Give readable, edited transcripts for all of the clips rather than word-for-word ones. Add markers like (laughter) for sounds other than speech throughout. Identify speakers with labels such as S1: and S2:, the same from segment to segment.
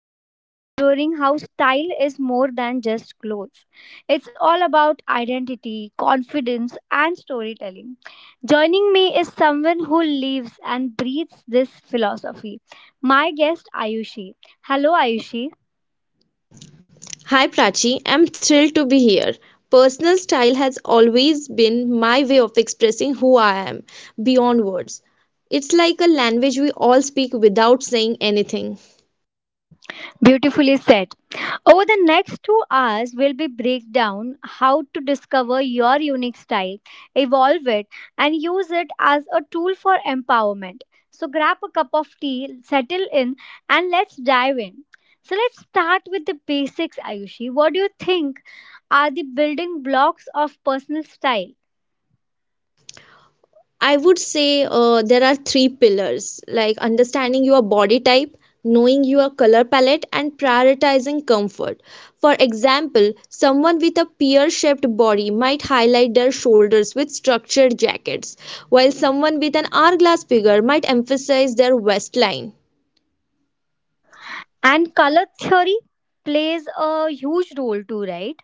S1: today we are exploring how style is more than just clothes. It's all about identity, confidence, and storytelling. Joining me is someone who lives and breathes this philosophy. My guest, Ayushi. Hello, Ayushi.
S2: Hi Prachi, I'm thrilled to be here. Personal style has always been my way of expressing who I am beyond words. It's like a language we all speak without saying anything.
S1: Beautifully said. Over the next 2 hours, we'll be break down how to discover your unique style, evolve it, and use it as a tool for empowerment. So grab a cup of tea, settle in, and let's dive in. So let's start with the basics, Ayushi. What do you think are the building blocks of personal style?
S2: I would say there are three pillars like understanding your body type, knowing your color palette, and prioritizing comfort. For example, someone with a pear shaped body might highlight their shoulders with structured jackets, while someone with an hourglass figure might emphasize their waistline.
S1: And color theory plays a huge role too, right?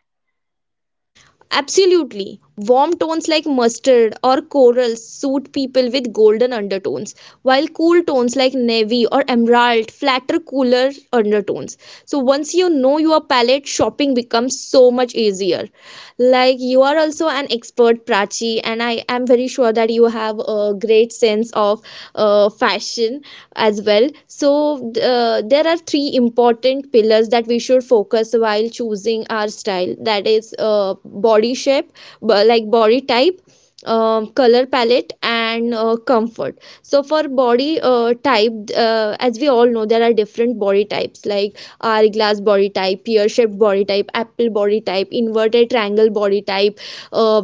S2: Absolutely. Warm tones like mustard or coral suit people with golden undertones, while cool tones like navy or emerald flatter cooler undertones. So once you know your palette, shopping becomes so much easier. Like you are also an expert, Prachi, and I am very sure that you have a great sense of fashion as well. So, there are three important pillars that we should focus while choosing our style, that is, body shape, like body type. Color palette and comfort. So for body type, as we all know, there are different body types like hourglass body type, pear shaped body type, apple body type, inverted triangle body type, uh,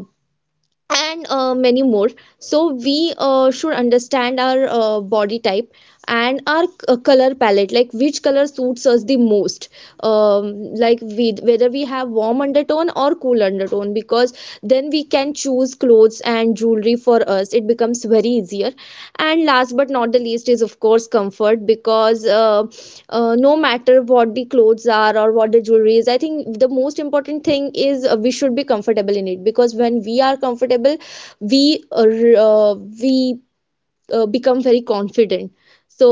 S2: and many more. So we should understand our body type and our color palette, like which color suits us the most. Like we, whether we have warm undertone or cool undertone, because then we can choose clothes and jewelry for us. It becomes very easier. And last but not the least is of course comfort, because no matter what the clothes are or what the jewelry is, I think the most important thing is, we should be comfortable in it, because when we are comfortable, we uh, r- uh, we become very confident. So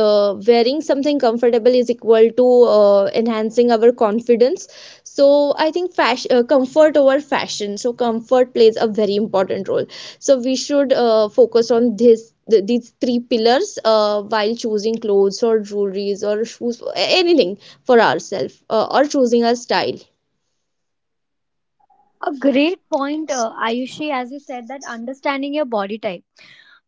S2: wearing something comfortable is equal to enhancing our confidence. So I think fashion comfort over fashion, so comfort plays a very important role. So we should focus on these three pillars while choosing clothes or jewelries or shoes, anything for ourselves, or choosing our style.
S1: A great point, Ayushi, as you said, that understanding your body type.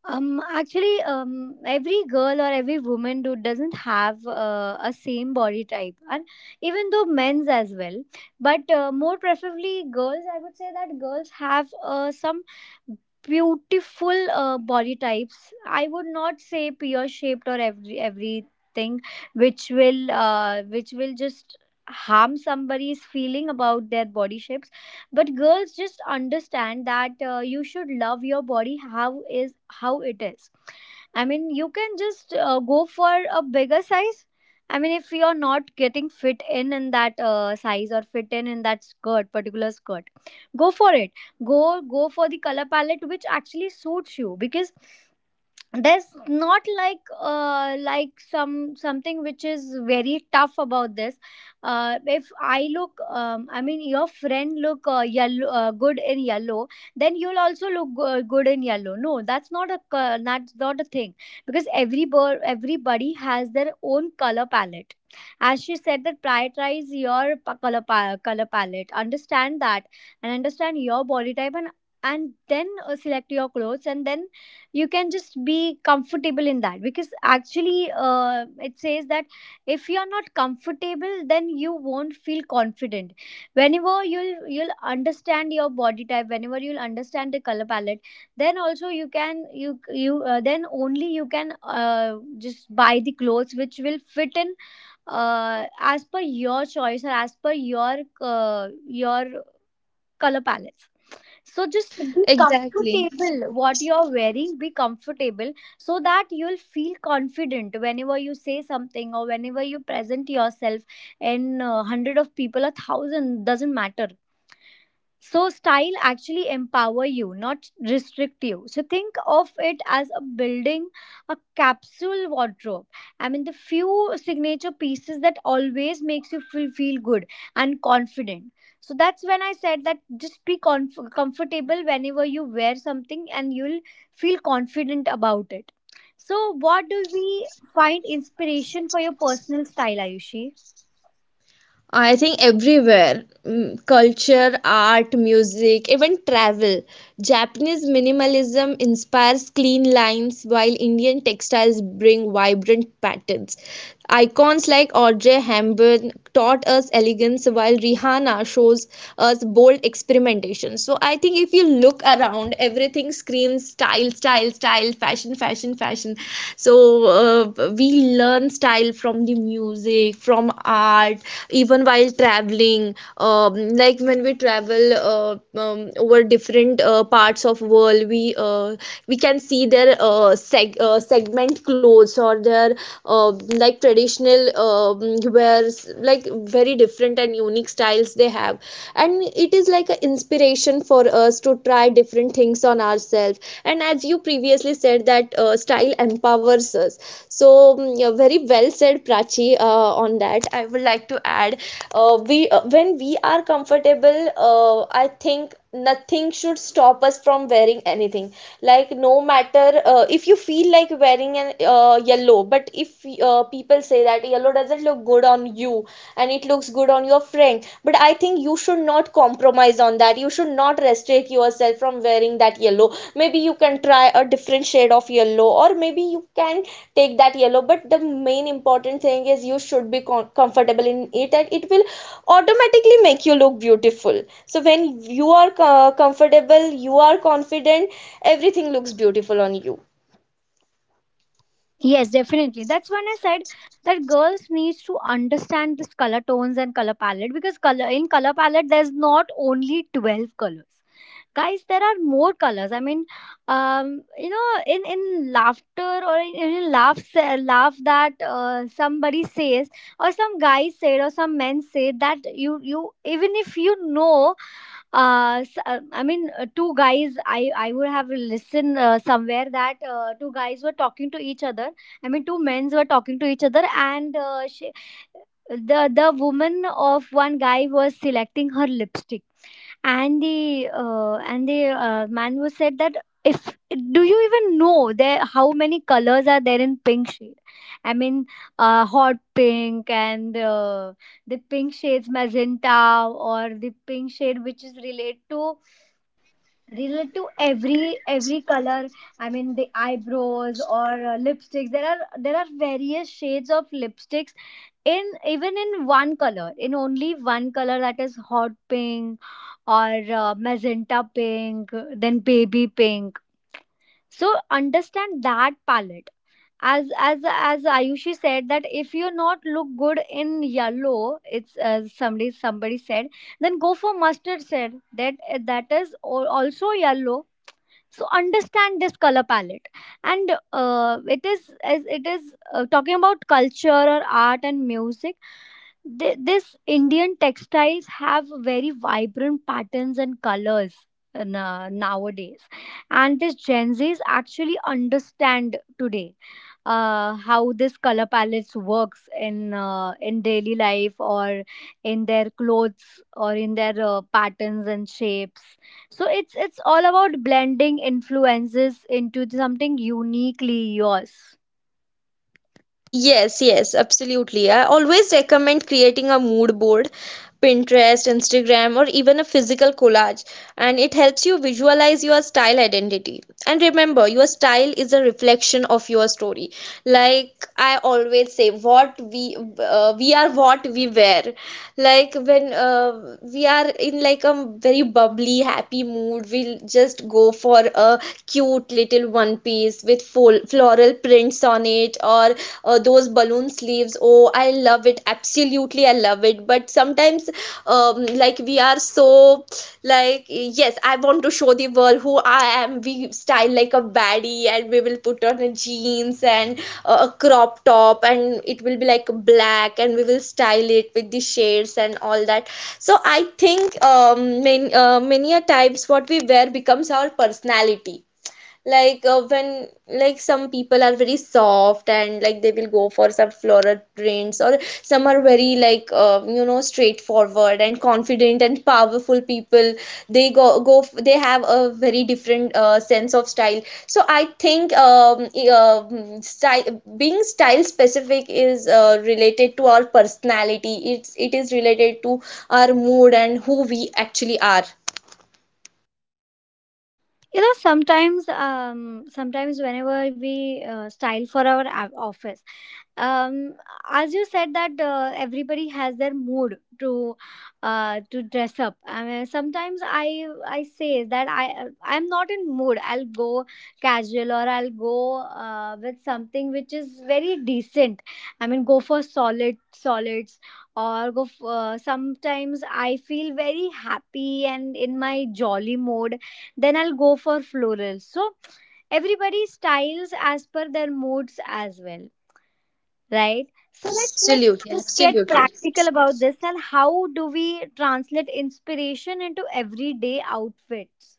S1: Actually, every girl or every woman do doesn't have a same body type, and even though men's as well, but more preferably girls. I would say that girls have some beautiful body types. I would not say pear shaped or everything, which will just harm somebody's feeling about their body shapes, but girls just understand that you should love your body how is how it is. I mean, you can just go for a bigger size. I mean, if you're not getting fit in that size or fit in that skirt particular skirt, go for it. go Go for the color palette which actually suits you, because there's not like some something which is very tough about this. If I look, I mean your friend look yellow good in yellow, then you'll also look good in yellow. No, that's not a that's not a thing, because everybody has their own color palette. As she said, that prioritize your color palette. Understand that, and understand your body type, and then select your clothes, and then you can just be comfortable in that. Because actually, it says that if you are not comfortable, then you won't feel confident. Whenever you'll understand your body type, whenever you'll understand the color palette, then also you then only you can just buy the clothes which will fit in as per your choice or as per your color palettes. So just be
S2: Exactly.
S1: comfortable what you're wearing. Be comfortable, so that you'll feel confident whenever you say something or whenever you present yourself in hundred of people, a thousand, doesn't matter. So style actually empower you, not restrict you. So think of it as a building, a capsule wardrobe. I mean the few signature pieces that always makes you feel good and confident. So that's when I said that just be comfortable whenever you wear something, and you'll feel confident about it. So what do we find inspiration for your personal style, Ayushi?
S2: I think everywhere, mm, culture, art, music, even travel. Japanese minimalism inspires clean lines, while Indian textiles bring vibrant patterns. Icons like Audrey Hepburn taught us elegance, while Rihanna shows us bold experimentation. So I think if you look around, everything screams style, fashion. So we learn style from the music, from art, even while traveling. Like when we travel over different parts of world, we can see their segment clothes or their uh, like traditional wears, like very different and unique styles they have, and it is like an inspiration for us to try different things on ourselves. And as you previously said, that style empowers us, so mm, yeah, very well said, Prachi. On that I would like to add, we when we are comfortable, I think nothing should stop us from wearing anything. Like no matter, if you feel like wearing an yellow, but if people say that yellow doesn't look good on you and it looks good on your friend, but I think you should not compromise on that. You should not restrict yourself from wearing that yellow. Maybe you can try a different shade of yellow, or maybe you can take that yellow. But the main important thing is you should be comfortable in it, and it will automatically make you look beautiful. So when you are comfortable, you are confident. Everything looks beautiful on you.
S1: Yes, definitely. That's when I said that girls needs to understand this color tones and color palette. Because color in color palette, there's not only 12 colors, guys. There are more colors. I mean, um, you know, in laughter, or in laughs (laughs) laugh, that somebody says, or some guys said, or some men say that you even if you know, I mean, two guys. I would have listened somewhere that two guys were talking to each other. I mean, two men's were talking to each other, and the woman of one guy was selecting her lipstick, and the man was said that, if do you even know there how many colors are there in pink shade? I mean, hot pink, and the pink shades, magenta, or the pink shade which is related to relate to every color. I mean the eyebrows or lipsticks. There are various shades of lipsticks in even in one color, in only one color, that is hot pink, or magenta pink, then baby pink. So understand that palette. As Ayushi said, that if you not look good in yellow, it's somebody said, then go for mustard, said that, that is also yellow. So understand this color palette. And it is, as it is talking about culture or art and music, this Indian textiles have very vibrant patterns and colors in, nowadays. And this Gen Z's actually understand today how this color palettes works in daily life, or in their clothes, or in their patterns and shapes. So it's all about blending influences into something uniquely yours.
S2: Yes, yes, absolutely. I always recommend creating a mood board, Pinterest, Instagram, or even a physical collage, and it helps you visualize your style identity. And remember, your style is a reflection of your story. Like I always say, what we are what we wear. Like when we are in like a very bubbly happy mood, we'll just go for a cute little one piece with full floral prints on it, or those balloon sleeves. Oh, I love it, absolutely, I love it. But sometimes like we are so like, yes, I want to show the world who I am. We style like a baddie, and we will put on a jeans and a crop top, and it will be like black, and we will style it with the shades and all that. So I think many a times what we wear becomes our personality. Like when like some people are very soft and like they will go for some floral prints, or some are very like, you know, straightforward and confident and powerful people, they they have a very different sense of style. So I think style being style specific is related to our personality. It is related to our mood and who we actually are.
S1: You know, sometimes, sometimes whenever we style for our office, um as you said that everybody has their mood to dress up. I mean, sometimes I say that I'm not in mood, I'll go casual, or I'll go with something which is very decent. I mean, go for solids, or go for, sometimes I feel very happy and in my jolly mode, then I'll go for florals. So everybody styles as per their moods as well, right? So let's
S2: Absolutely,
S1: just get
S2: absolutely.
S1: practical about this, and how do we translate inspiration into everyday outfits?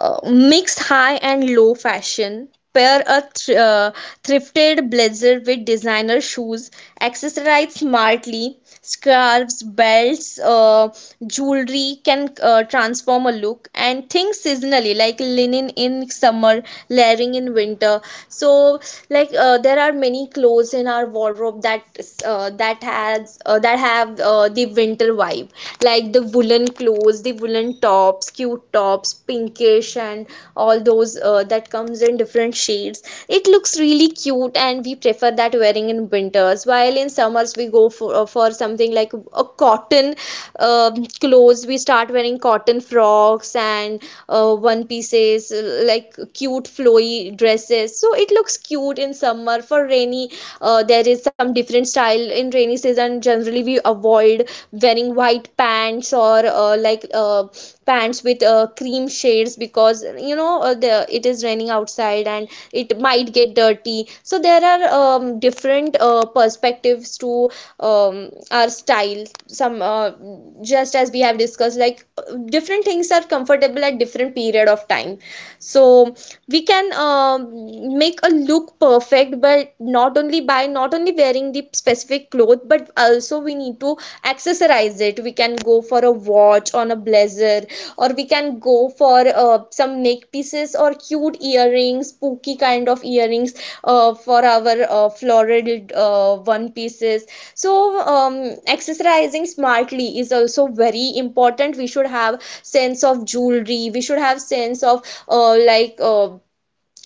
S2: Mix high and low fashion, pair a thrifted blazer with designer shoes, accessorize smartly, scarves, belts, jewelry can transform a look, and think seasonally, like linen in summer, layering in winter. So like there are many clothes in our wardrobe that that has that have the winter vibe, like the woolen clothes, the woolen tops, cute tops, pinkish and all those, that comes in different shades. It looks really cute, and we prefer that wearing in winters, while in summers we go for something like a cotton clothes, we start wearing cotton frocks and one pieces, like cute flowy dresses, so it looks cute in summer. For rainy, there is some different style in rainy season. Generally we avoid wearing white pants or uh, like uh, pants with cream shades, because you know the, it is raining outside and it might get dirty. So there are different perspectives to our style. Some Just as we have discussed, like different things are comfortable at different period of time. So we can make a look perfect, but not only by not only wearing the specific cloth, but also we need to accessorize it. We can go for a watch on a blazer, or we can go for some neck pieces or cute earrings, spooky kind of earrings, for our floral one pieces. So accessorizing smartly is also very important. We should have sense of jewelry, we should have sense of uh, like uh,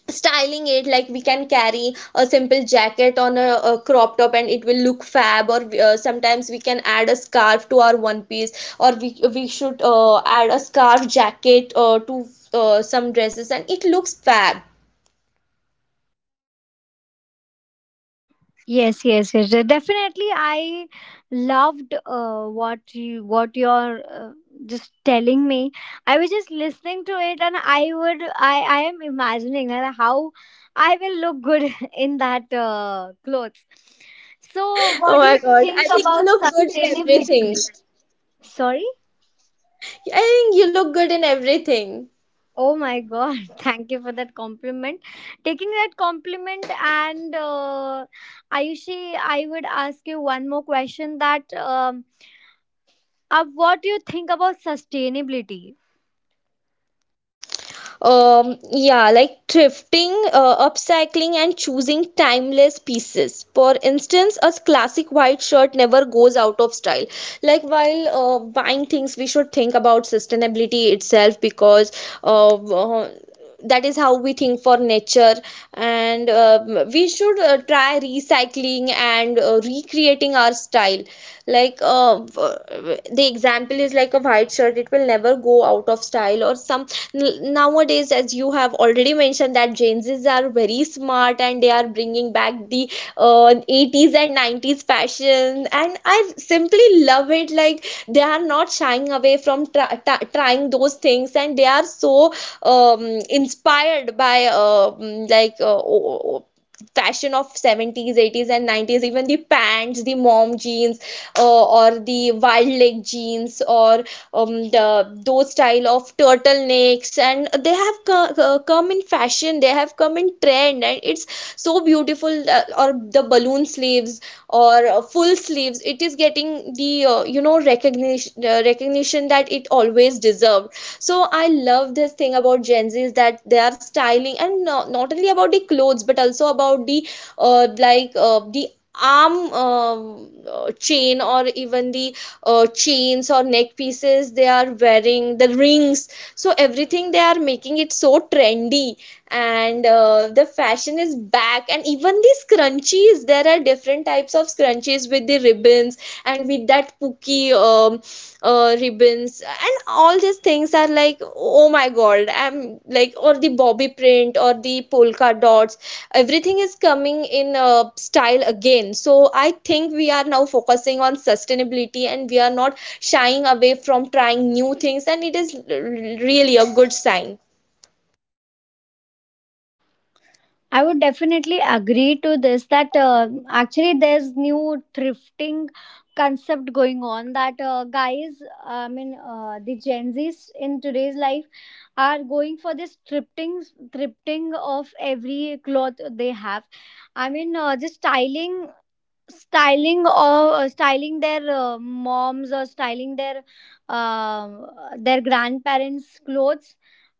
S2: styling it. Like we can carry a simple jacket on a crop top and it will look fab, or sometimes we can add a scarf to our one piece, or we should add a scarf jacket to some dresses, and it looks fab.
S1: Yes, yes, yes. Definitely, I loved what you're just telling me. I was just listening to it, and I would I am imagining that how I will look good (laughs) in that clothes. So,
S2: Oh
S1: what do
S2: my
S1: you
S2: god, I
S1: think
S2: think you
S1: about
S2: look good in everything.
S1: sustainability? Sorry.
S2: I think you look good in everything.
S1: Oh my God! (laughs) Thank you for that compliment. Taking that compliment and, Ayushi, I would ask you one more question that. What do you think about sustainability?
S2: Yeah, like thrifting, upcycling, and choosing timeless pieces. For instance, a classic white shirt never goes out of style. Like while buying things, we should think about sustainability itself, because uh, uh, that is how we think for nature. And we should try recycling and recreating our style. Like the example is like a white shirt, it will never go out of style. Or some, nowadays, as you have already mentioned, that gen z's are very smart and they are bringing back the 80s and 90s fashion, and I simply love it. Like they are not shying away from trying those things, and they are so um, inspired by fashion of 70s, 80s and 90s. Even the pants, the mom jeans, or the wild leg jeans, or the those style of turtlenecks, and they have come in fashion, they have come in trend, and it's so beautiful. Or the balloon sleeves, or full sleeves, it is getting the, you know, recognition that it always deserved. So I love this thing about gen Zs, that they are styling, and not only about the clothes, but also about the the arm chain, or even the chains or neck pieces, they are wearing the rings. So everything they are making it so trendy. And the fashion is back. And even these scrunchies, there are different types of scrunchies with the ribbons, and with that pooky ribbons, and all these things are like, oh my god, I'm like, or the bobby print or the polka dots, everything is coming in style again. So I think we are now focusing on sustainability, and we are not shying away from trying new things, and it is really a good sign.
S1: I would definitely agree to this that actually there's new thrifting concept going on, that guys, I mean the Gen Z's in today's life are going for this thrifting of every cloth they have. I mean, just styling, or styling their moms, or styling uh, their grandparents clothes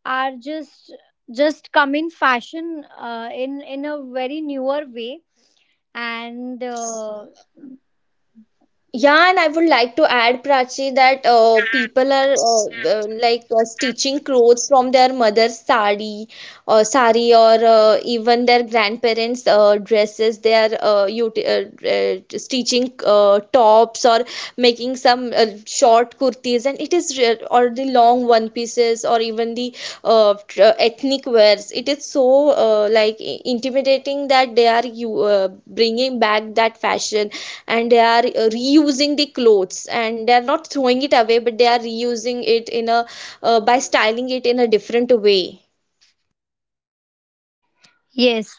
S1: are just come in fashion in a very newer way, and
S2: Yeah, and I would like to add, Prachi, that people are like stitching clothes from their mother's sari or sari or even their grandparents' dresses. They are stitching tops or making some short kurtis, and it is re- or the long one pieces or even the ethnic wears. It is so like intimidating that they are you bringing back that fashion, and they are reusing the clothes, and they are not throwing it away but they are reusing it in a by styling it in a different way.
S1: yes.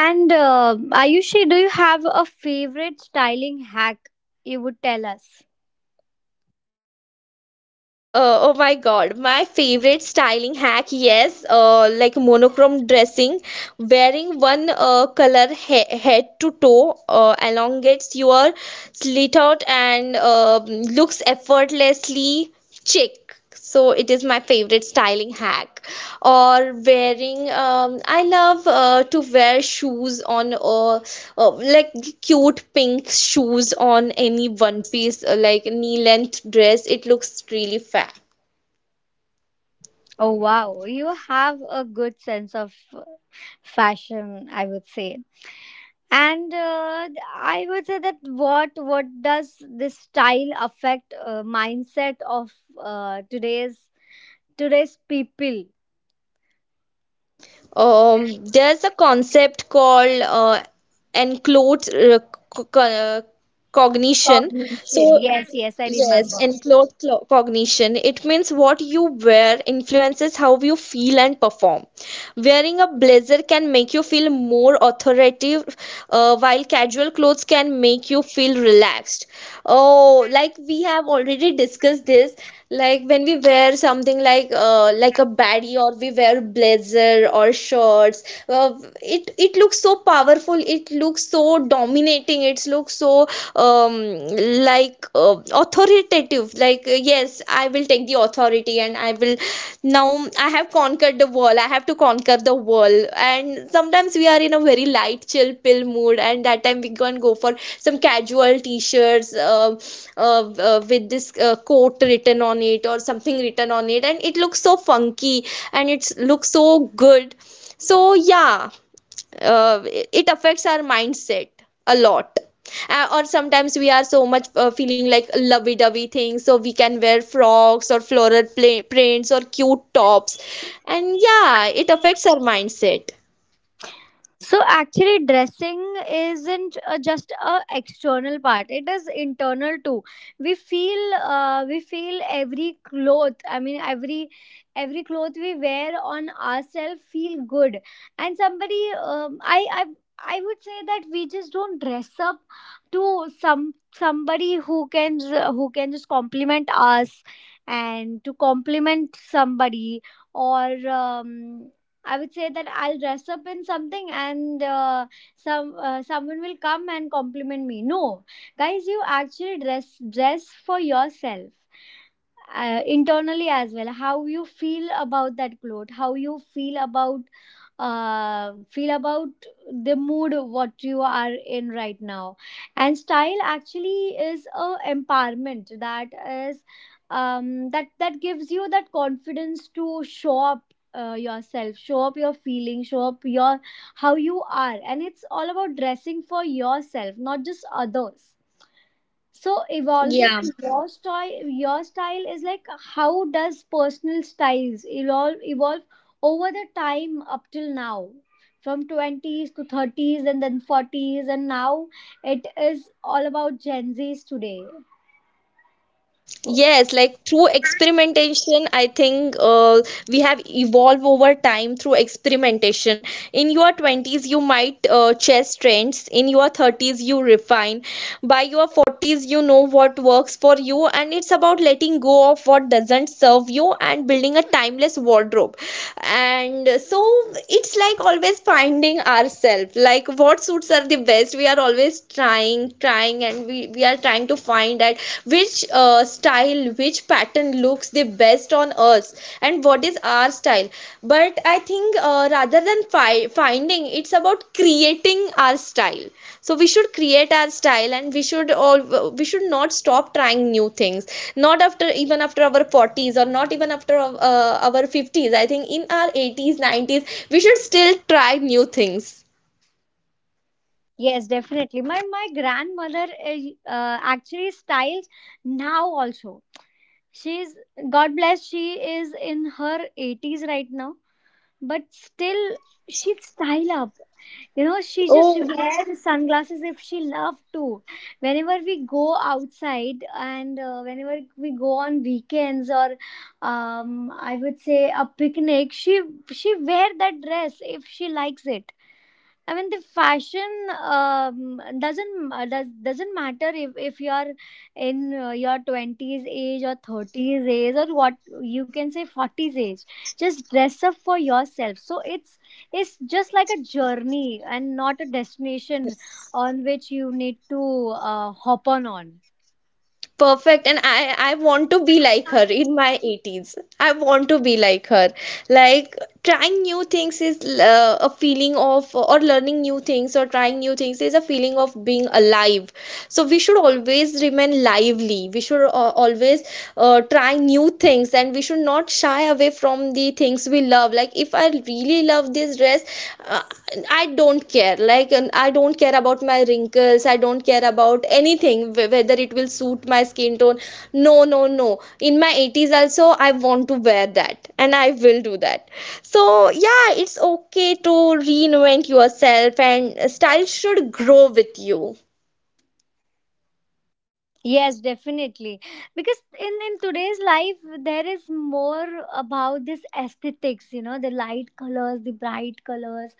S1: And Ayushi, do you have a favorite styling hack you would tell us?
S2: God, oh my God, my favorite styling hack, yes, like monochrome dressing, wearing one color he head to toe elongates your slit out and looks effortlessly chic. So it is my favorite styling hack. Or wearing, I love to wear shoes on like cute pink shoes on any one piece, like knee length dress, it looks really fab.
S1: Oh wow, you have a good sense of uh, fashion, I would say. And I would say that what does this style affect mindset of uh, today's today's people
S2: There's a concept called enclosed co- co- uh, cognition,
S1: population?
S2: so
S1: Yes, yes, I
S2: yes,
S1: remember.
S2: and cognition. It means what you wear influences how you feel and perform. Wearing a blazer can make you feel more authoritative, while casual clothes can make you feel relaxed. Oh, like we have already discussed this. Like when we wear something like a baddie, or we wear blazer or shorts, uh, it looks so powerful. It looks so dominating writing, it looks so um, like authoritative, like yes, I will take the authority, and I will now, I have conquered the world, I have to conquer the world. And sometimes we are in a very light chill pill mood, and that time we can go for some casual t-shirts uh, with this quote written on it or something written on it, and it looks so funky and it looks so good. So yeah, it affects our mindset a lot. Or sometimes we are so much feeling like lovey-dovey things, so we can wear frocks or floral prints or cute tops. And yeah, it affects our mindset.
S1: So actually, dressing isn't just a external part; it is internal too. We feel every cloth. I mean, every cloth we wear on ourselves feel good. And somebody, I would say that we just don't dress up to somebody who can who can just compliment us, and to compliment somebody or. I would say that I'll dress up in something, and some someone will come and compliment me. No, guys, you actually dress for yourself internally as well. How you feel about that cloth, how you feel about uh, feel about the mood what you are in right now, and style actually is a empowerment, that is that gives you that confidence to show up yourself, show up your feelings, show up your how you are. And it's all about dressing for yourself, not just others. So evolving
S2: Yeah.
S1: your style is like, how does personal styles evolve over the time up till now, from 20s to 30s and then 40s, and now it is all about Gen Z's today?
S2: Yes, like through experimentation, I think we have evolved over time through experimentation. In your 20s, you might chase trends. In your 30s, you refine. By your 40s, you know what works for you, and it's about letting go of what doesn't serve you and building a timeless wardrobe. And so it's like always finding ourselves, like what suits are the best. We are always trying, trying, and we are trying to find out which style, which pattern looks the best on us, and what is our style. But I think rather than finding, it's about creating our style. So we should create our style, and we should not stop trying new things. Not after Even after our forties, or not even after our fifties. I think in our eighties, nineties, we should still try new things.
S1: Yes, definitely. My grandmother, actually styles now also. She's, god bless, she is in her 80s right now, but still she'd style up, you know. She just
S2: Oh.
S1: wears (laughs) sunglasses if she loved to, whenever we go outside, and whenever we go on weekends, or I would say a picnic. She wear that dress if she likes it. I mean the fashion, doesn't doesn't matter if you are in your twenties age or thirties age, or what you can say forties age. Just dress up for yourself. So it's just like a journey and not a destination on which you need to hop on on.
S2: Perfect, and I want to be like her in my 80s. I want to be like her. Like trying new things is a feeling of or learning new things or trying new things is a feeling of being alive. So we should always remain lively. We should always try new things, and we should not shy away from the things we love. Like if I really love this dress, uh, I don't care, like I don't care about my wrinkles, I don't care about anything, whether it will suit my skin tone. No, no, no, in my 80s also I want to wear that, and I will do that. So yeah, it's okay to reinvent yourself, and style should grow with you.
S1: Yes, definitely. Because in today's life, there is more about this aesthetics, you know, the light colors, the bright colors,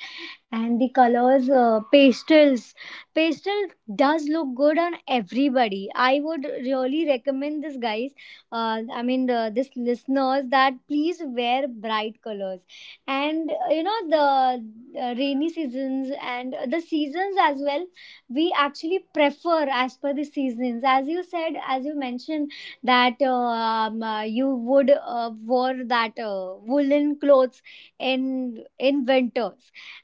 S1: and the colors pastels pastel does look good on everybody. I would really recommend this, guys, I mean this listeners, that please wear bright colors. And you know, the rainy seasons and the seasons as well, we actually prefer as per the seasons, as you said, as you mentioned, that you would wear that woolen clothes in winter.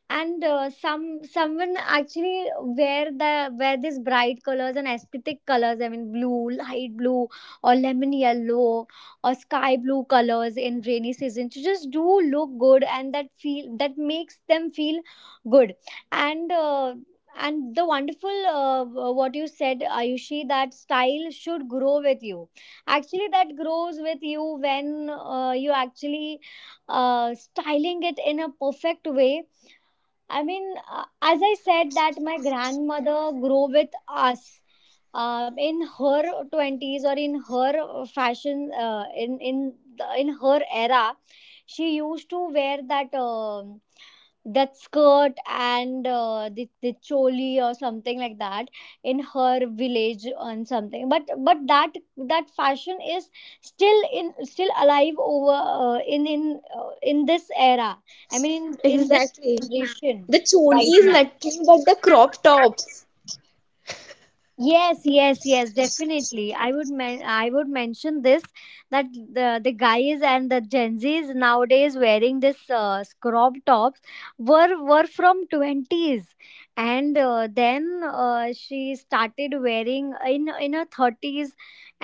S1: And someone actually wear the wear these bright colors and aesthetic colors, I mean blue, light blue, or lemon yellow, or sky blue colors in rainy season, to just do look good, and that feel that makes them feel good. and uh, and the wonderful what you said, Ayushi, that style should grow with you. Actually that grows with you when you actually styling it in a perfect way. I mean, as I said, that my grandmother grew with us in her twenties, or in her fashion, in her era. She used to wear that, that skirt, and the choli or something like that, in her village and something. But that fashion is still alive over in this era. I mean in this
S2: Exactly.
S1: generation
S2: The
S1: right
S2: choli is
S1: now.
S2: nothing but the crop tops.
S1: Yes, yes, yes, definitely. I would mention this, that the guys and the Gen Zs nowadays wearing this crop tops, were from 20s, and then she started wearing in her 30s.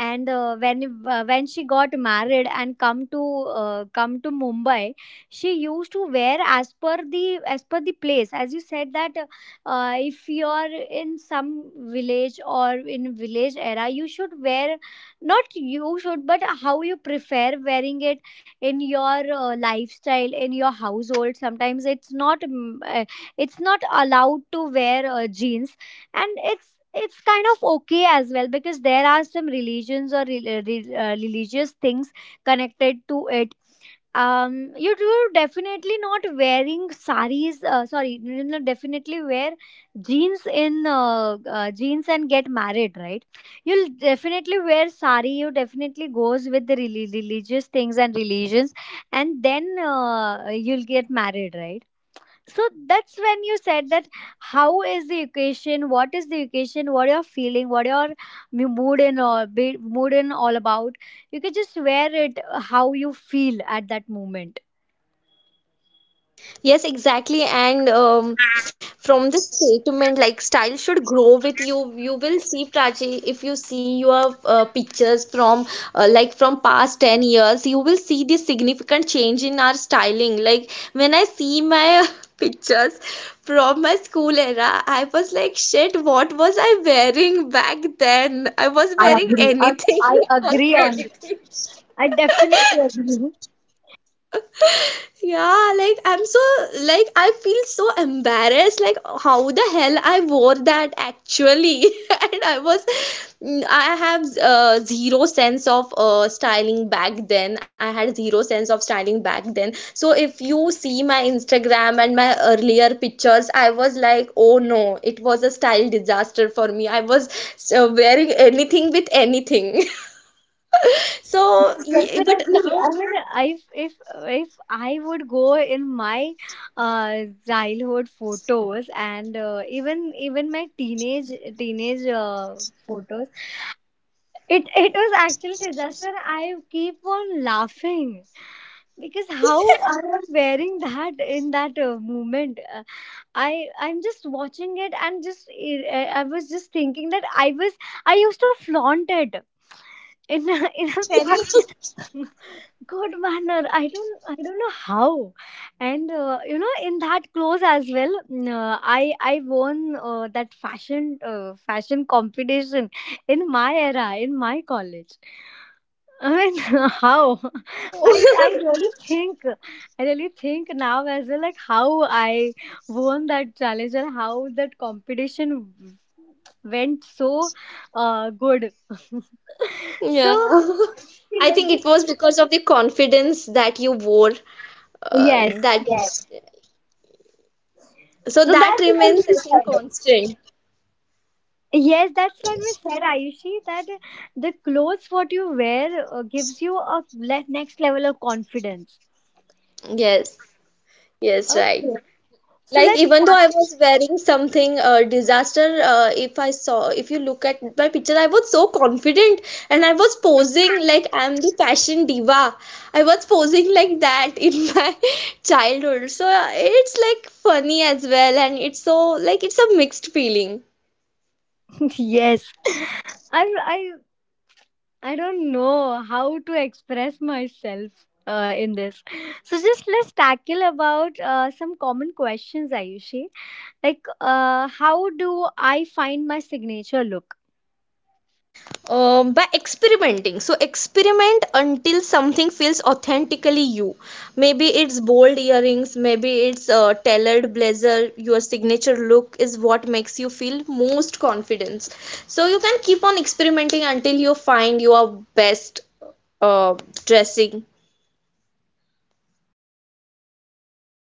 S1: And when she got married and come to come to Mumbai, she used to wear as per the place, as you said, that if you are in some village or in village era, you should wear, not you should, but how you prefer wearing it in your lifestyle, in your household. Sometimes it's not it's not allowed to wear jeans, and it's kind of okay as well, because there are some religions or religious things connected to it. You do definitely not wearing saris, sorry, you will definitely wear jeans in jeans and get married, right? You'll definitely wear sari, you definitely goes with the religious things and religions, and then you'll get married, right? So that's when you said that, how is the equation, what is the equation, what you're feeling, what your mood and all about, you can just wear it how you feel at that moment.
S2: Yes, exactly. And from this statement, like style should grow with you. You will see, Prachi, if you see your pictures from like from past 10 years, you will see the significant change in our styling. Like when I see my (laughs) pictures from my school era, I was like, shit, what was I wearing back then? I was
S1: i
S2: wearing
S1: agree i,
S2: anything
S1: I
S2: (laughs) on
S1: agree on this.
S2: anything.
S1: I definitely
S2: (laughs)
S1: agree.
S2: (laughs) Yeah, like I'm so, like I feel so embarrassed. Like how the hell I wore that actually, (laughs) and I was, I have zero sense of styling back then. I had zero sense of styling back then. So if you see my Instagram and my earlier pictures, I was like, oh no, it was a style disaster for me. I was wearing anything with anything. (laughs) So,
S1: Yes,
S2: yeah, but
S1: definitely,
S2: now,
S1: I mean, if if I would go in my uh childhood photos, and even my teenage photos, it was actually disaster. I keep on laughing because how I am wearing that in that moment. I'm just watching it, and just I was just thinking that I was, I used to flaunt it in a, (laughs) in a
S2: yeah,
S1: very (laughs) good manner. I don't, I don't know how. And you know, in that clothes as well, I won that fashion competition in my era in my college. I mean, (laughs) how, I
S2: oh. (laughs)
S1: really think, I really think now as well, like how I won that challenge and how that competition went so good. (laughs) So
S2: Yeah. (laughs) I
S1: let's
S2: think it
S1: just,
S2: was because of the confidence that you wore,
S1: yes,
S2: that
S1: yes.
S2: so
S1: So
S2: that
S1: that's when
S2: remains, I
S1: we
S2: think,
S1: said.
S2: constant.
S1: Yes, that's when we said, Ayushi, that the clothes what you wear gives you a next level of confidence.
S2: Yes, yes, right.
S1: Okay. So
S2: Like
S1: let's
S2: even though
S1: start.
S2: I was wearing something disaster, if I saw, if you look at my picture, I was so confident, and I was posing like I'm the fashion diva. I was posing like that in (laughs) my childhood. So it's like funny as well, and it's so like it's a mixed feeling.
S1: (laughs) Yes. I, I, I don't know how to express myself in this. So just let's tackle about some common questions, Ayushi. Like, how do I find my signature look?
S2: By experimenting, so experiment until something feels authentically you. Maybe it's bold earrings, maybe it's a tailored blazer. Your signature look is what makes you feel most confidence. So you can keep on experimenting until you find your best uh, dressing.